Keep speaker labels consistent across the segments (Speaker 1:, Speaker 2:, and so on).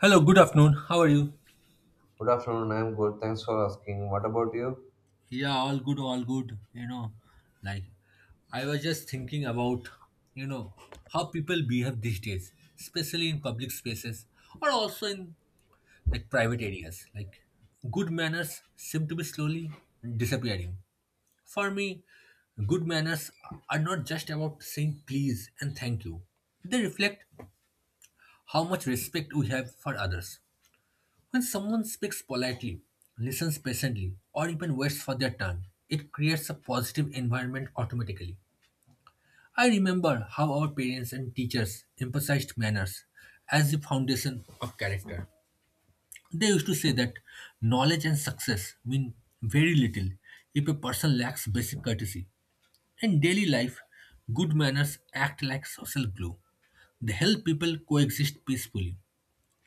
Speaker 1: Hello, good afternoon. How are you?
Speaker 2: Good afternoon, I'm good. Thanks for asking. What about you?
Speaker 1: Yeah, all good, all good. Like I was just thinking about, you know, how people behave these days, especially in public spaces or also in like private areas. Like good manners seem to be slowly disappearing. For me, good manners are not just about saying please and thank you. They reflect how much respect we have for others. When someone speaks politely, listens patiently, or even waits for their turn, it creates a positive environment automatically. I remember how our parents and teachers emphasized manners as the foundation of character. They used to say that knowledge and success mean very little if a person lacks basic courtesy. In daily life, good manners act like social glue. They help people coexist peacefully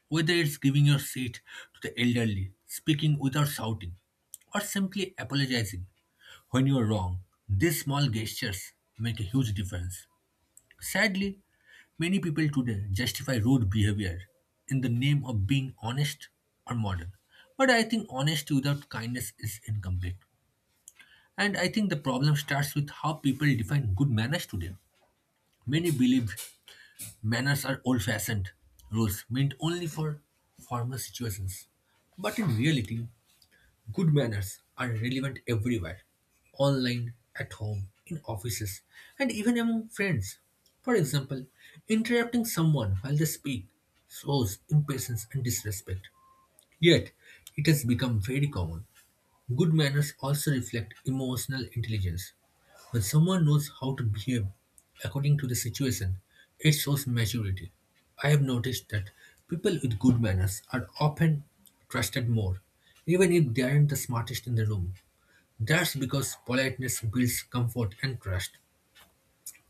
Speaker 1: whether it's giving your seat to the elderly, speaking without shouting, or simply apologizing when you're wrong, these small gestures make a huge difference. Sadly, many people today justify rude behavior in the name of being honest or modern. But I think honesty without kindness is incomplete. And I think the problem starts with how people define good manners today. Many believe manners are old fashioned rules meant only for formal situations. But in reality, good manners are relevant everywhere online, at home, in offices, and even among friends. For example, interrupting someone while they speak shows impatience and disrespect. Yet, it has become very common. Good manners also reflect emotional intelligence. When someone knows how to behave according to the situation, it shows maturity. I have noticed that people with good manners are often trusted more, even if they aren't the smartest in the room. That's because politeness builds comfort and trust.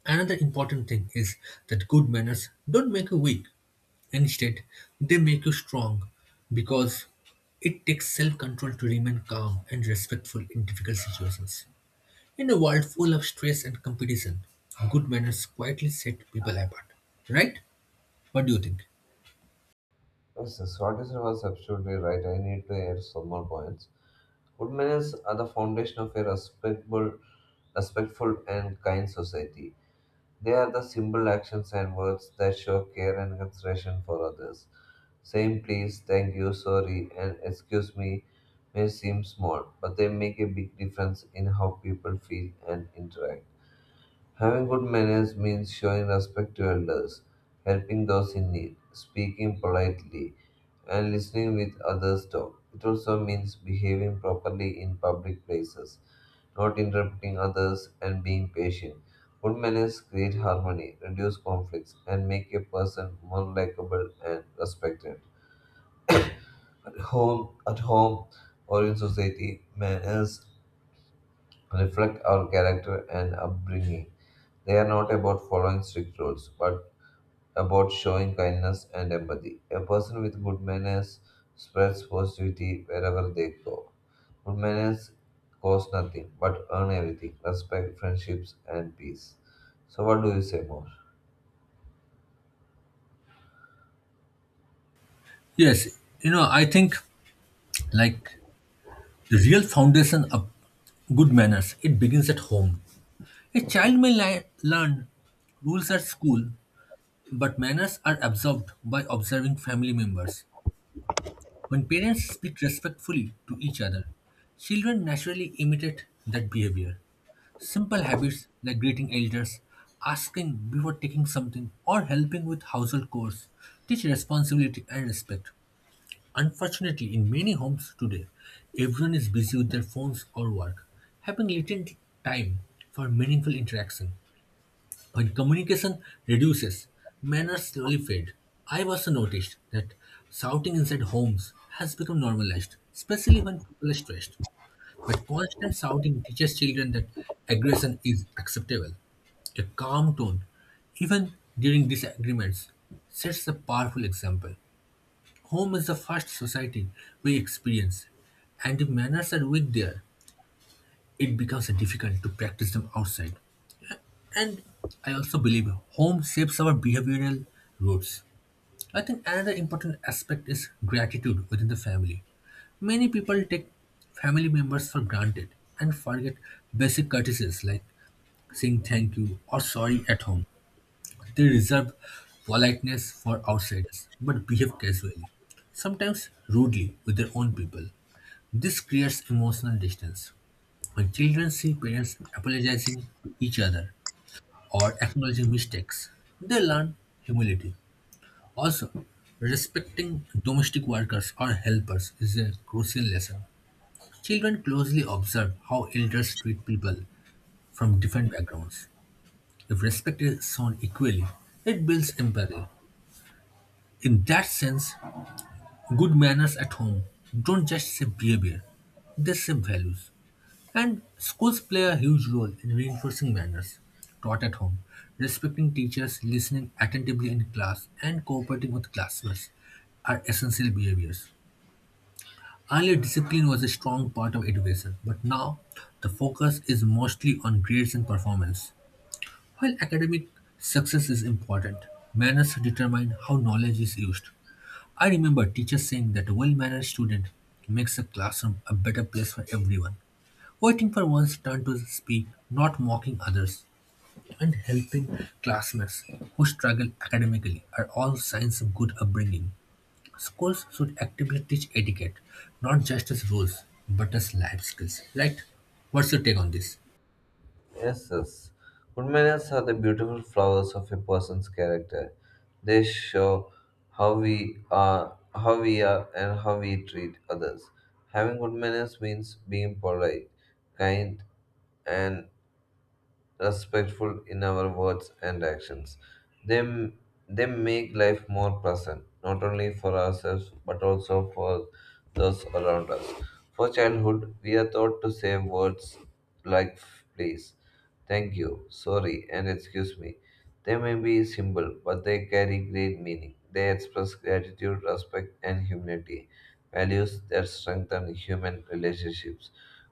Speaker 1: Another important thing is that good manners don't make you weak, instead, they make you strong because it takes self control to remain calm and respectful in difficult situations. In a world full of stress and competition, good manners quietly set people apart. Right? What do you think?
Speaker 2: Yes, yes, what you said was absolutely right. I need to add some more points. Good manners are the foundation of a respectable, respectful, and kind society. They are the simple actions and words that show care and consideration for others. Saying please, thank you, sorry, and excuse me may seem small, but they make a big difference in how people feel and interact. Having good manners means showing respect to elders, helping those in need, speaking politely, and listening with others' talk. It also means behaving properly in public places, not interrupting others, and being patient. Good manners create harmony, reduce conflicts, and make a person more likable and respected. At home, or in society, manners reflect our character and upbringing. They are not about following strict rules, but about showing kindness and empathy. A person with good manners spreads positivity wherever they go. Good manners cost nothing but earn everything respect, friendships, and peace. So, what do you say more?
Speaker 1: Yes, you know, I think like the real foundation of good manners, it begins at home. A child may learn rules at school, but manners are absorbed by observing family members. When parents speak respectfully to each other, children naturally imitate that behavior. Simple habits like greeting elders, asking before taking something, or helping with household chores teach responsibility and respect. Unfortunately, in many homes today, everyone is busy with their phones or work, having little time for meaningful interaction. When communication reduces, manners slowly fade. I've also noticed that shouting inside homes has become normalized, especially when people are stressed. But constant shouting teaches children that aggression is acceptable. A calm tone, even during disagreements, sets a powerful example. Home is the first society we experience, and if manners are weak there, it becomes difficult to practice them outside. And I also believe home shapes our behavioral roots. I think another important aspect is gratitude within the family. Many people take family members for granted and forget basic courtesies like saying thank you or sorry at home. They reserve politeness for outsiders but behave casually, sometimes rudely with their own people. This creates emotional distance. When children see parents apologizing to each other or acknowledging mistakes. They learn humility. Also, respecting domestic workers or helpers is a crucial lesson. Children closely observe how elders treat people from different backgrounds. If respect is shown equally, it builds empathy. In that sense, good manners at home don't just shape behavior, they shape values. And schools play a huge role in reinforcing manners taught at home, respecting teachers, listening attentively in class, and cooperating with classmates are essential behaviors. Earlier, discipline was a strong part of education, but now the focus is mostly on grades and performance. While academic success is important, manners determine how knowledge is used. I remember teachers saying that a well mannered student makes a classroom a better place for everyone. Waiting for one's turn to speak, not mocking others, and helping classmates who struggle academically are all signs of good upbringing. Schools should actively teach etiquette, not just as rules, but as life skills, right? What's your take on this?
Speaker 2: Yes, yes. Good manners are the beautiful flowers of a person's character. They show how we are, and how we treat others. Having good manners means being polite, kind, and respectful in our words and actions. They, m- they make life more pleasant, not only for ourselves but also for those around us. For childhood, we are taught to say words like please, thank you, sorry, and excuse me. They may be simple, but they carry great meaning. They express gratitude, respect, and humility, values that strengthen human relationships.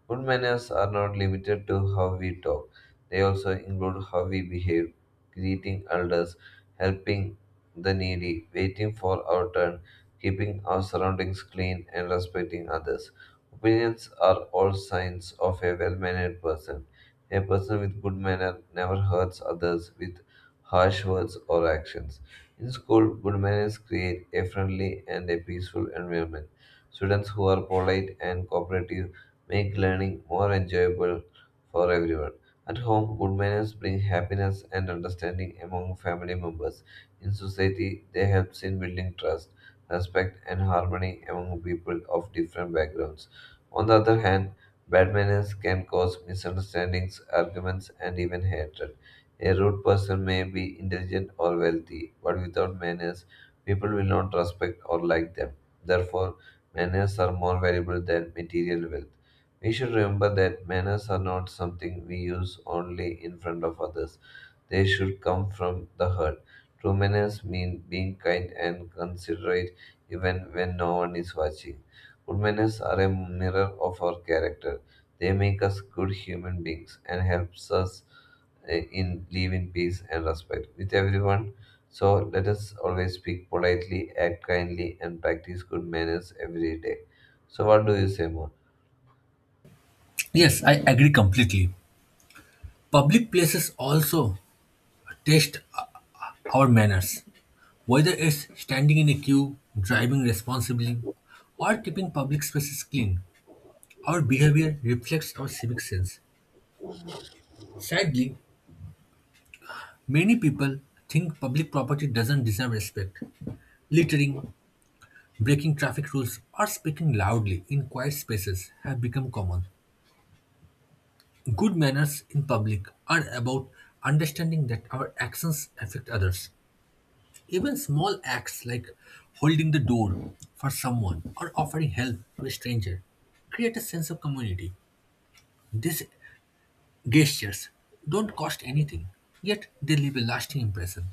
Speaker 2: Good manners are not limited to how we talk. They also include how we behave, greeting elders, helping the needy, waiting for our turn, keeping our surroundings clean, and respecting others. Opinions are all signs of a well mannered person. A person with good manner never hurts others with harsh words or actions. In school, good manners create a friendly and a peaceful environment. Students who are polite and cooperative make learning more enjoyable for everyone. At home, good manners bring happiness and understanding among family members. In society, they help in building trust, respect, and harmony among people of different backgrounds. On the other hand, bad manners can cause misunderstandings, arguments, and even hatred. A rude person may be intelligent or wealthy, but without manners, people will not respect or like them. Therefore, manners are more valuable than material wealth. We should remember that manners are not something we use only in front of others. They should come from the heart. True manners mean being kind and considerate even when no one is watching. Good manners are a mirror of our character. They make us good human beings and helps us in live in peace and respect with everyone. So let us always speak politely, act kindly, and practice good manners every day. So what do you say more?
Speaker 1: Yes, I agree completely. Public places also test our manners, whether it's standing in a queue, driving responsibly, or keeping public spaces clean. Our behavior reflects our civic sense. Sadly, many people think public property doesn't deserve respect. Littering, breaking traffic rules, or speaking loudly in quiet spaces have become common. Good manners in public are about understanding that our actions affect others. Even small acts like holding the door for someone or offering help to a stranger create a sense of community. This gestures don't cost anything, yet they leave a lasting impression.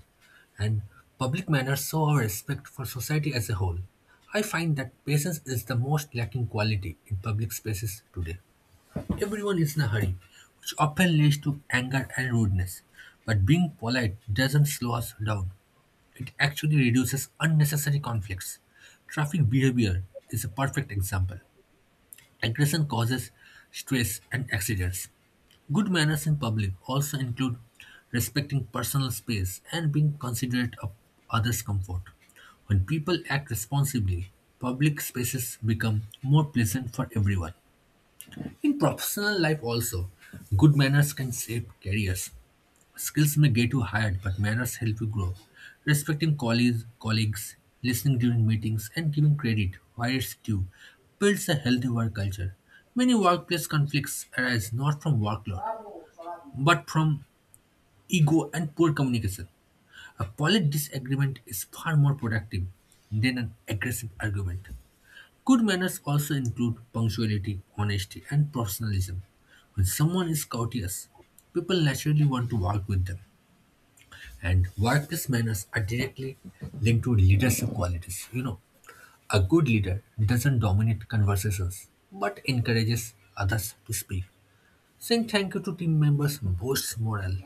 Speaker 1: And public manners show our respect for society as a whole. I find that patience is the most lacking quality in public spaces today. Everyone is in a hurry, which often leads to anger and rudeness. But being polite doesn't slow us down, it actually reduces unnecessary conflicts. Traffic behavior is a perfect example. Aggression causes stress and accidents. Good manners in public also include respecting personal space and being considerate of others' comfort. When people act responsibly, public spaces become more pleasant for everyone. In professional life, also, good manners can shape careers. Skills may get you hired, but manners help you grow. Respecting colleagues, listening during meetings, and giving credit where it's due builds a healthy work culture. Many workplace conflicts arise not from workload but from ego and poor communication. A polite disagreement is far more productive than an aggressive argument. Good manners also include punctuality, honesty, and professionalism. When someone is courteous, people naturally want to work with them. And workplace manners are directly linked to leadership qualities. You know, a good leader doesn't dominate conversations but encourages others to speak. Saying thank you to team members boosts morale.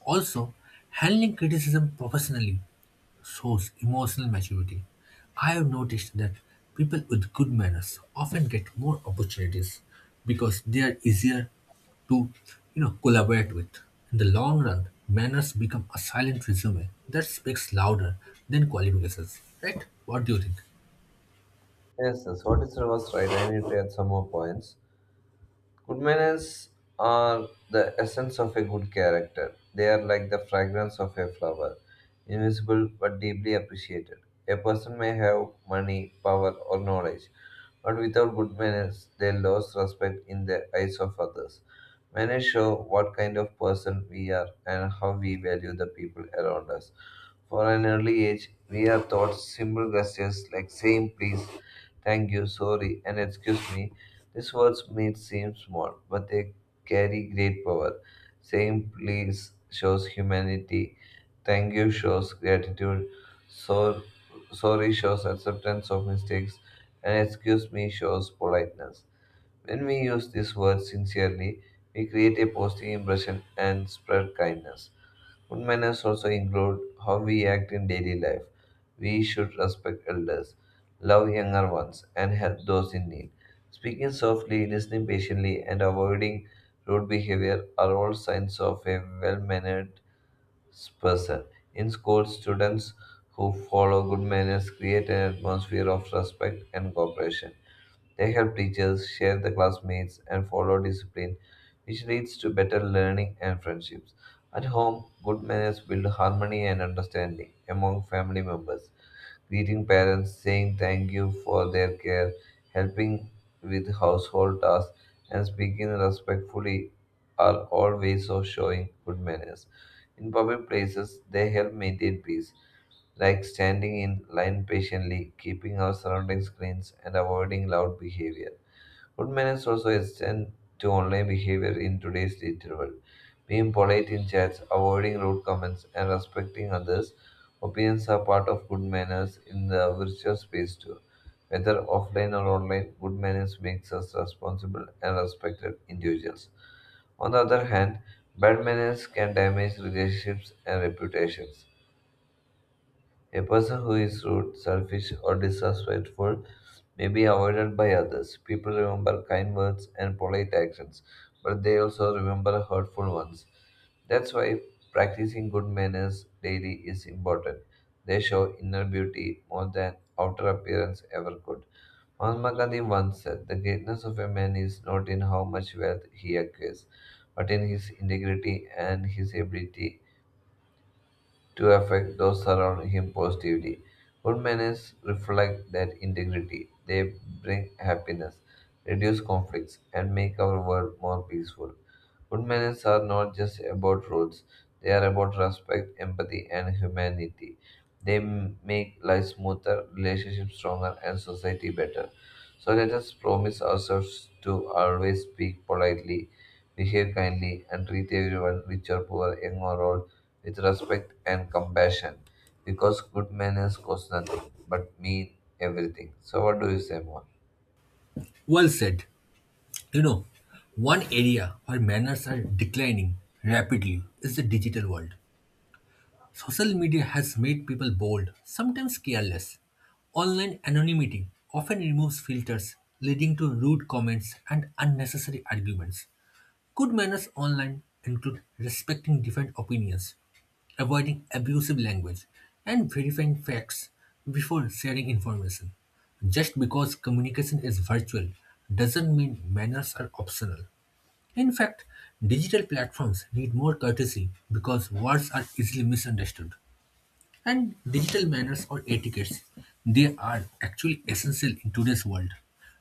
Speaker 1: Also, handling criticism professionally shows emotional maturity. I have noticed that people with good manners often get more opportunities because they are easier to, you know, collaborate with. In the long run, manners become a silent resume that speaks louder than qualifications. Right? What do you think?
Speaker 2: Yes, yes, what is was right. I need to add some more points. Good manners are the essence of a good character. They are like the fragrance of a flower, invisible but deeply appreciated. A person may have money, power, or knowledge, but without good manners, they lose respect in the eyes of others. Manners show what kind of person we are and how we value the people around us. For an early age, we are taught simple gestures like saying please, thank you, sorry, and excuse me these words may seem small, but they carry great power. Saying please shows humanity, thank you shows gratitude, so, sorry shows acceptance of mistakes, and excuse me shows politeness. When we use these words sincerely, we create a positive impression and spread kindness. Good manners also include how we act in daily life. We should respect elders, love younger ones, and help those in need. Speaking softly, listening patiently, and avoiding rude behavior are all signs of a well mannered person. In school, students who follow good manners create an atmosphere of respect and cooperation. They help teachers, share the classmates, and follow discipline, which leads to better learning and friendships. At home, good manners build harmony and understanding among family members greeting parents, saying thank you for their care, helping with household tasks, and speaking respectfully are all ways of showing good manners. In public places, they help maintain peace, like standing in line patiently, keeping our surroundings clean, and avoiding loud behavior. Good manners also extend to online behavior in today's digital world. Being polite in chats, avoiding rude comments, and respecting others' opinions are part of good manners in the virtual space too. Whether offline or online, good manners makes us responsible and respected individuals. On the other hand, bad manners can damage relationships and reputations. A person who is rude, selfish, or disrespectful may be avoided by others. People remember kind words and polite actions, but they also remember hurtful ones. That's why practicing good manners daily is important. They show inner beauty more than outer appearance ever could. Mahatma Gandhi once said, the greatness of a man is not in how much wealth he acquires, but in his integrity and his ability to affect those around him positively. Good manners reflect that integrity. They bring happiness, reduce conflicts, and make our world more peaceful. Good manners are not just about rules, they are about respect, empathy, and humanity. They make life smoother, relationships stronger, and society better. So let us promise ourselves to always speak politely, behave kindly, and treat everyone, rich or poor, young or old, with respect and compassion because good manners cost nothing but mean everything. So, what do you say more?
Speaker 1: Well said. You know, one area where manners are declining rapidly is the digital world. Social media has made people bold, sometimes careless. Online anonymity often removes filters, leading to rude comments and unnecessary arguments. Good manners online include respecting different opinions, avoiding abusive language, and verifying facts before sharing information. Just because communication is virtual doesn't mean manners are optional. In fact, digital platforms need more courtesy because words are easily misunderstood. And digital manners or etiquettes, they are actually essential in today's world.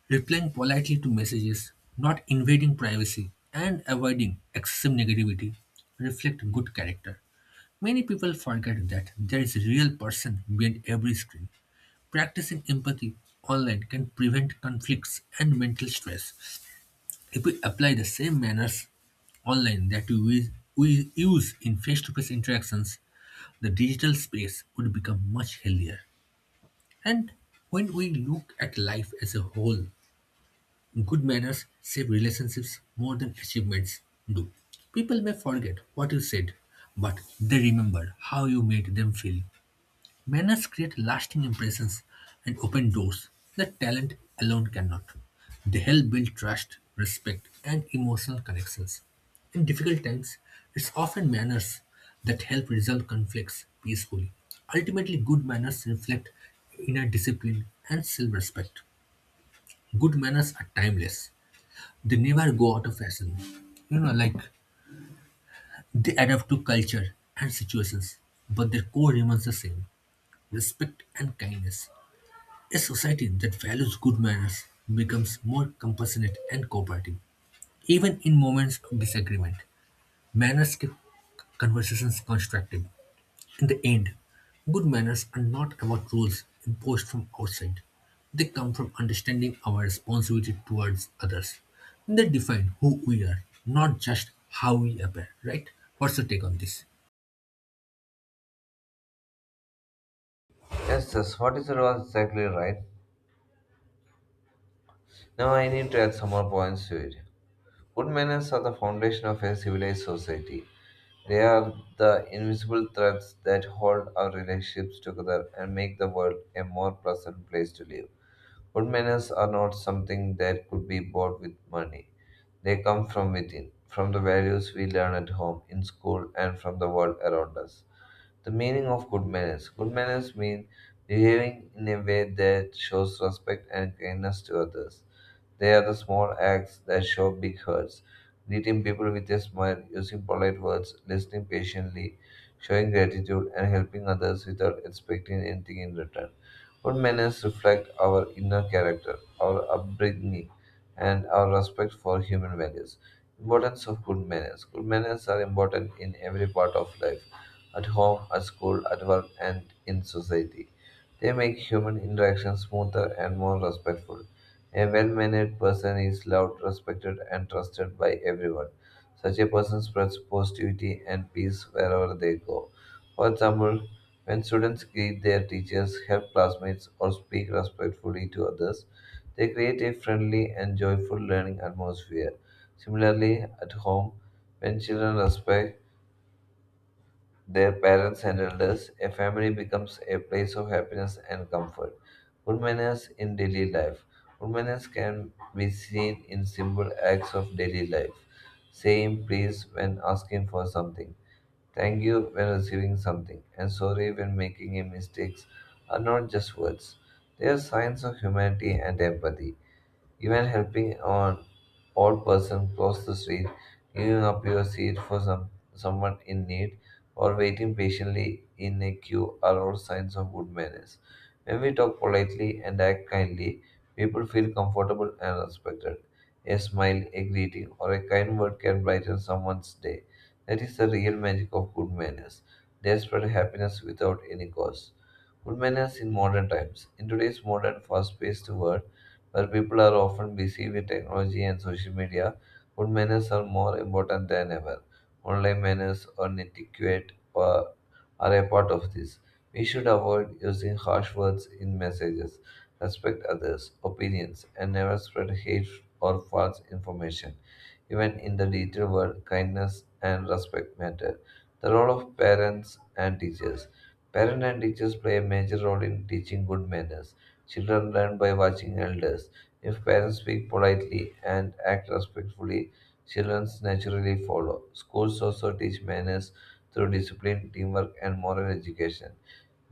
Speaker 1: Replying politely to messages, not invading privacy, and avoiding excessive negativity reflect good character. Many people forget that there is a real person behind every screen. Practicing empathy online can prevent conflicts and mental stress if we apply the same manners online that we use in face to face interactions, the digital space would become much healthier. And when we look at life as a whole, good manners save relationships more than achievements do. People may forget what you said, but they remember how you made them feel. Manners create lasting impressions and open doors that talent alone cannot. They help build trust, respect, and emotional connections. In difficult times, it's often manners that help resolve conflicts peacefully. Ultimately, good manners reflect inner discipline and self respect. Good manners are timeless, they never go out of fashion. You know, like they adapt to culture and situations, but their core remains the same respect and kindness. A society that values good manners becomes more compassionate and cooperative, even in moments of disagreement. Manners keep conversations constructive. In the end, good manners are not about rules imposed from outside. They come from understanding our responsibility towards others. They define who we are, not just how we appear, right? What's your take on this?
Speaker 2: Yes, yes, what is it all exactly right? Now, I need to add some more points to it. Good manners are the foundation of a civilized society. They are the invisible threads that hold our relationships together and make the world a more pleasant place to live. Good manners are not something that could be bought with money. They come from within, from the values we learn at home, in school, and from the world around us. The meaning of good manners. Good manners mean behaving in a way that shows respect and kindness to others. They are the small acts that show big hearts. Greeting people with a smile, using polite words, listening patiently, showing gratitude, and helping others without expecting anything in return. Good manners reflect our inner character, our upbringing, and our respect for human values. Importance of good manners. Good manners are important in every part of life at home, at school, at work, and in society. They make human interaction smoother and more respectful. A well mannered person is loved, respected, and trusted by everyone. Such a person spreads positivity and peace wherever they go. For example, when students greet their teachers, help classmates, or speak respectfully to others, they create a friendly and joyful learning atmosphere. Similarly, at home, when children respect their parents and elders, a family becomes a place of happiness and comfort. Good manners in daily life. Good manners can be seen in simple acts of daily life, saying please when asking for something, thank you when receiving something, and sorry when making a mistakes are not just words. They are signs of humanity and empathy. Even helping an old person cross the street, giving up your seat for some, someone in need, or waiting patiently in a queue are all signs of good manners. When we talk politely and act kindly, people feel comfortable and respected. A smile, a greeting, or a kind word can brighten someone's day. That is the real magic of good manners. They spread happiness without any cost. Good manners in modern times. In today's modern, fast paced world, while people are often busy with technology and social media, good manners are more important than ever. Online manners or are a part of this. We should avoid using harsh words in messages, respect others' opinions, and never spread hate or false information. Even in the digital world, kindness and respect matter. The role of parents and teachers. Parents and teachers play a major role in teaching good manners. Children learn by watching elders. If parents speak politely and act respectfully, children naturally follow. Schools also teach manners through discipline, teamwork, and moral education.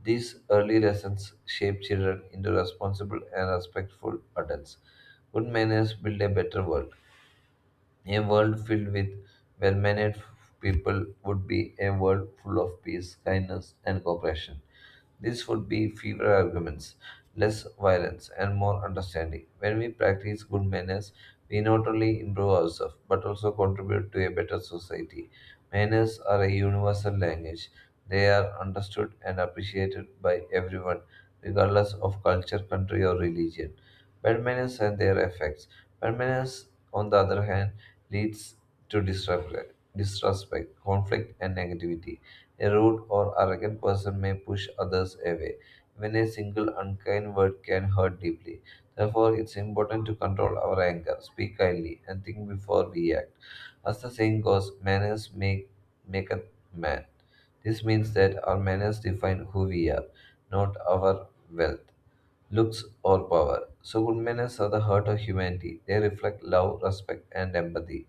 Speaker 2: These early lessons shape children into responsible and respectful adults. Good manners build a better world. A world filled with well mannered people would be a world full of peace, kindness, and cooperation. This would be fewer arguments, less violence, and more understanding. When we practice good manners, we not only improve ourselves but also contribute to a better society. Manners are a universal language, they are understood and appreciated by everyone, regardless of culture, country, or religion. Bad manners and their effects. Permanence, on the other hand, leads to disrespect, conflict, and negativity. A rude or arrogant person may push others away, when a single unkind word can hurt deeply. Therefore, it's important to control our anger, speak kindly, and think before we act. As the saying goes, manners make a man. This means that our manners define who we are, not our wealth, looks, or power. So good manners are the heart of humanity. They reflect love, respect, and empathy,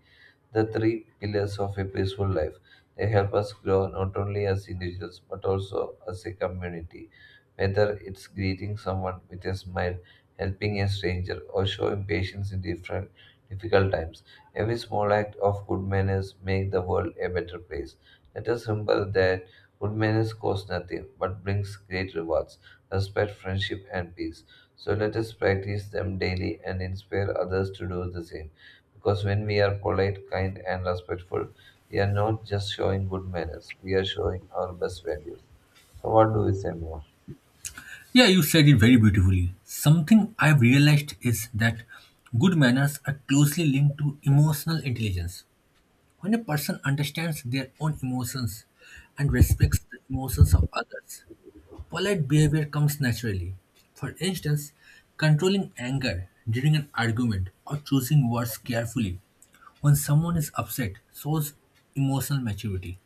Speaker 2: the three pillars of a peaceful life. They help us grow not only as individuals but also as a community. Whether it's greeting someone with a smile, helping a stranger, or showing patience in different difficult times, every small act of good manners makes the world a better place. Let us remember that good manners cost nothing but brings great rewards, respect, friendship, and peace. So let us practice them daily and inspire others to do the same. Because when we are polite, kind, and respectful, we are not just showing good manners, we are showing our best values. So, what do we say more?
Speaker 1: Yeah, you said it very beautifully. Something I've realized is that good manners are closely linked to emotional intelligence. When a person understands their own emotions and respects the emotions of others, polite behavior comes naturally. For instance, controlling anger during an argument or choosing words carefully when someone is upset shows emotional maturity.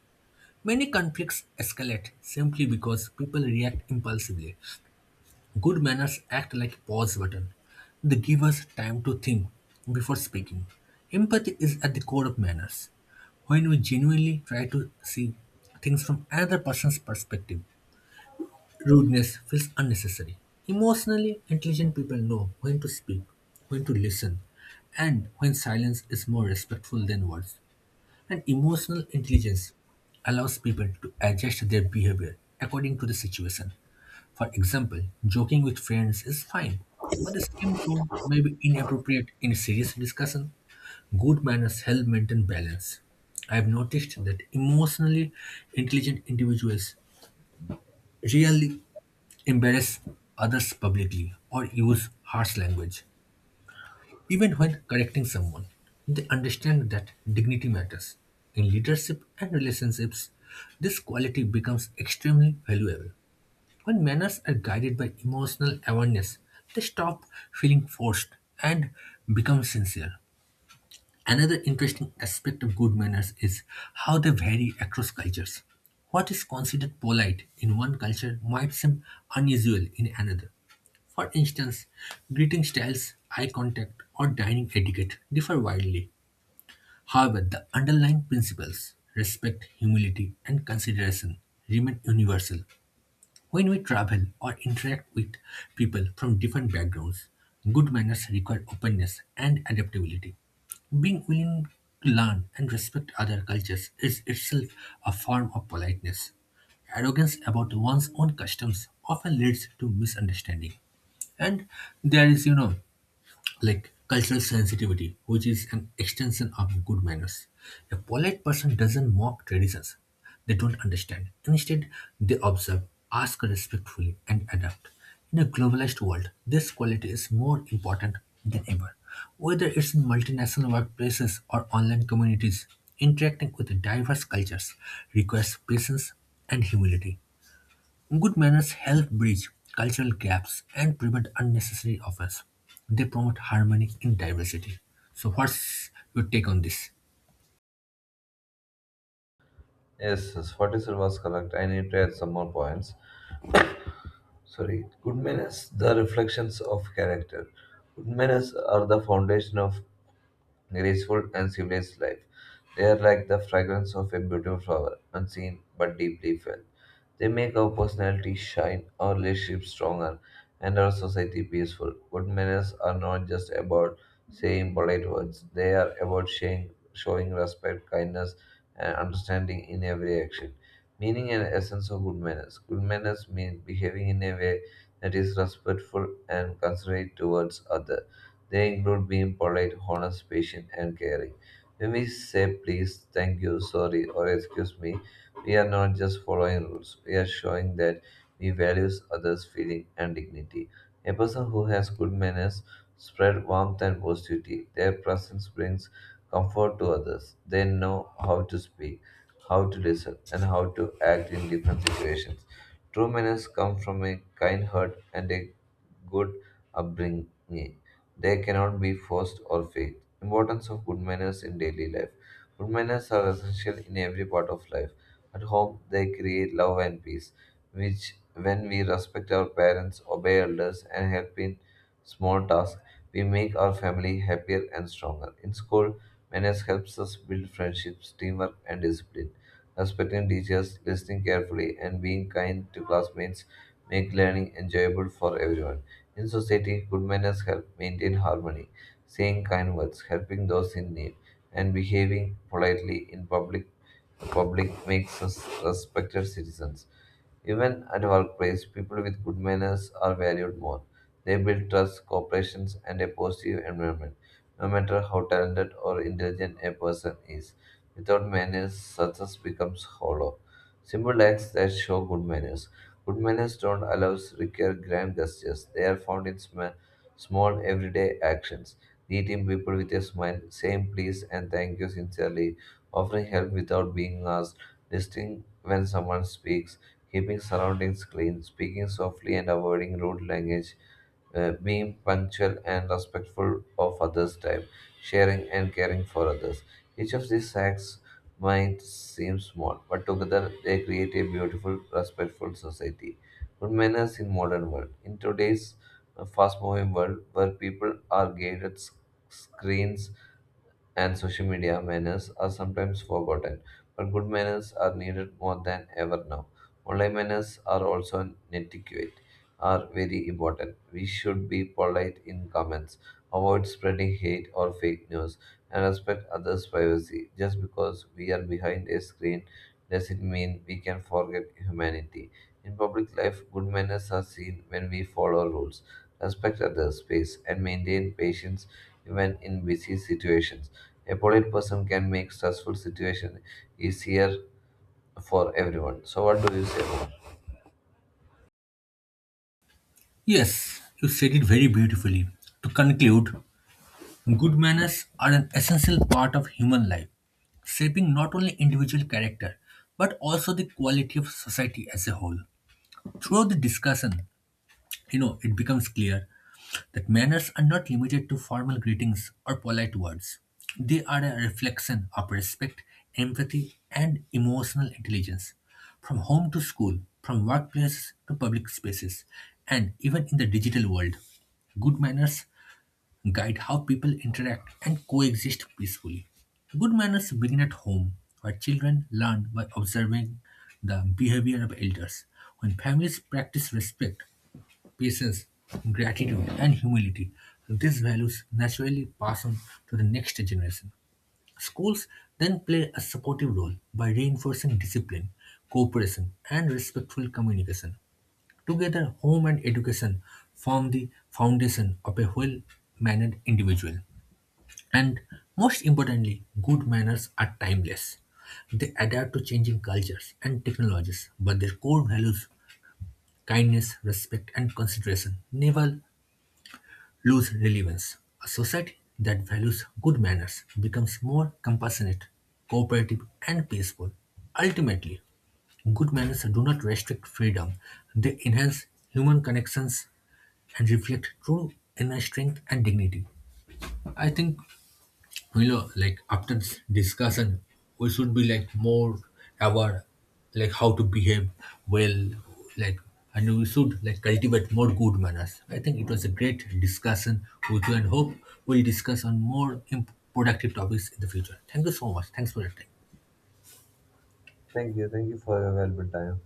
Speaker 1: Many conflicts escalate simply because people react impulsively. Good manners act like a pause button. They give us time to think before speaking. Empathy is at the core of manners. When we genuinely try to see things from another person's perspective, rudeness feels unnecessary. Emotionally intelligent people know when to speak, when to listen, and when silence is more respectful than words. And emotional intelligence allows people to adjust their behavior according to the situation. For example, joking with friends is fine, but the same tone may be inappropriate in serious discussion. Good manners help maintain balance. I have noticed that emotionally intelligent individuals rarely embarrass others publicly or use harsh language. Even when correcting someone, they understand that dignity matters. In leadership and relationships, this quality becomes extremely valuable. When manners are guided by emotional awareness, they stop feeling forced and become sincere. Another interesting aspect of good manners is how they vary across cultures. What is considered polite in one culture might seem unusual in another. For instance, greeting styles, eye contact, or dining etiquette differ widely. However, the underlying principles respect, humility, and consideration remain universal. When we travel or interact with people from different backgrounds, good manners require openness and adaptability. Being willing to learn and respect other cultures is itself a form of politeness. Arrogance about one's own customs often leads to misunderstanding. And there is, you know, like cultural sensitivity, which is an extension of good manners. A polite person doesn't mock traditions they don't understand. Instead, they observe, ask respectfully, and adapt. In a globalized world, this quality is more important than ever. Whether it's in multinational workplaces or online communities, interacting with diverse cultures requires patience and humility. Good manners help bridge cultural gaps and prevent unnecessary offense. They promote harmony in diversity. So, what's your take on this?
Speaker 2: Yes, yes, 47 was correct. I need to add some more points. Sorry. Good manners, the reflections of character. Good manners are the foundation of graceful, and civilized life. They are like the fragrance of a beautiful flower, unseen but deeply felt. They make our personality shine, our relationships stronger, and our society peaceful. Good manners are not just about saying polite words, they are about showing respect, kindness, and understanding in every action. Meaning and essence of good manners. Good manners mean behaving in a way that is respectful and considerate towards others. They include being polite, honest, patient, and caring. When we say please, thank you, sorry, or excuse me, we are not just following rules, we are showing that we value others' feeling and dignity. A person who has good manners spread warmth and positivity. Their presence brings comfort to others. They know how to speak, how to listen, and how to act in different situations. True manners come from a kind heart and a good upbringing. They cannot be forced or faked. Importance of good manners in daily life. Women are essential in every part of life. At home, they create love and peace, which, when we respect our parents, obey elders, and help in small tasks, we make our family happier and stronger. In school, manners helps us build friendships, teamwork, and discipline. Respecting teachers, listening carefully, and being kind to classmates make learning enjoyable for everyone. In society, good manners help maintain harmony, saying kind words, helping those in need, and behaving politely in public makes us respected citizens. Even at workplace, people with good manners are valued more. They build trust, cooperation, and a positive environment, no matter how talented or intelligent a person is. Without manners, success becomes hollow. Simple acts that show good manners. Good manners don't allow require grand gestures. They are found in small everyday actions: greeting people with a smile, saying please and thank you sincerely, offering help without being asked, listening when someone speaks, keeping surroundings clean, speaking softly and avoiding rude language, being punctual and respectful of others' time, sharing and caring for others. Each of these acts might seem small, but together they create a beautiful, respectful society. Good manners in modern world. In today's a fast moving world where people are guided screens and social media, manners are sometimes forgotten, but good manners are needed more than ever now. Online manners are also an etiquette are very important. We should be polite in comments, avoid spreading hate or fake news, and respect others' privacy. Just because we are behind a screen doesn't mean we can forget humanity. In public life, good manners are seen when we follow rules, respect others' space, and maintain patience even in busy situations, a polite person can make stressful situation easier for everyone. So what do you say more?
Speaker 1: Yes, you said it very beautifully. To conclude, good manners are an essential part of human life, shaping not only individual character but also the quality of society as a whole. Throughout the discussion, you know, it becomes clear that manners are not limited to formal greetings or polite words. They are a reflection of respect, empathy, and emotional intelligence. From home to school, from workplaces to public spaces, and even in the digital world, good manners guide how people interact and coexist peacefully. Good manners begin at home, where children learn by observing the behavior of elders. When families practice respect, patience, gratitude, and humility. These values naturally pass on to the next generation. Schools then play a supportive role by reinforcing discipline, cooperation, and respectful communication. Together, home and education form the foundation of a well mannered individual. And most importantly, good manners are timeless. They adapt to changing cultures and technologies, but their core values, kindness, respect, and consideration, never lose relevance. A society that values good manners becomes more compassionate, cooperative, and peaceful. Ultimately, good manners do not restrict freedom, they enhance human connections and reflect true inner strength and dignity. I think you know like after this discussion we should be like more aware like how to behave well like and we should like cultivate more good manners. I think it was a great discussion with you and hope we'll discuss on more productive topics in the future. Thank you so much. Thanks for your time.
Speaker 2: Thank you. Thank you for your valuable time.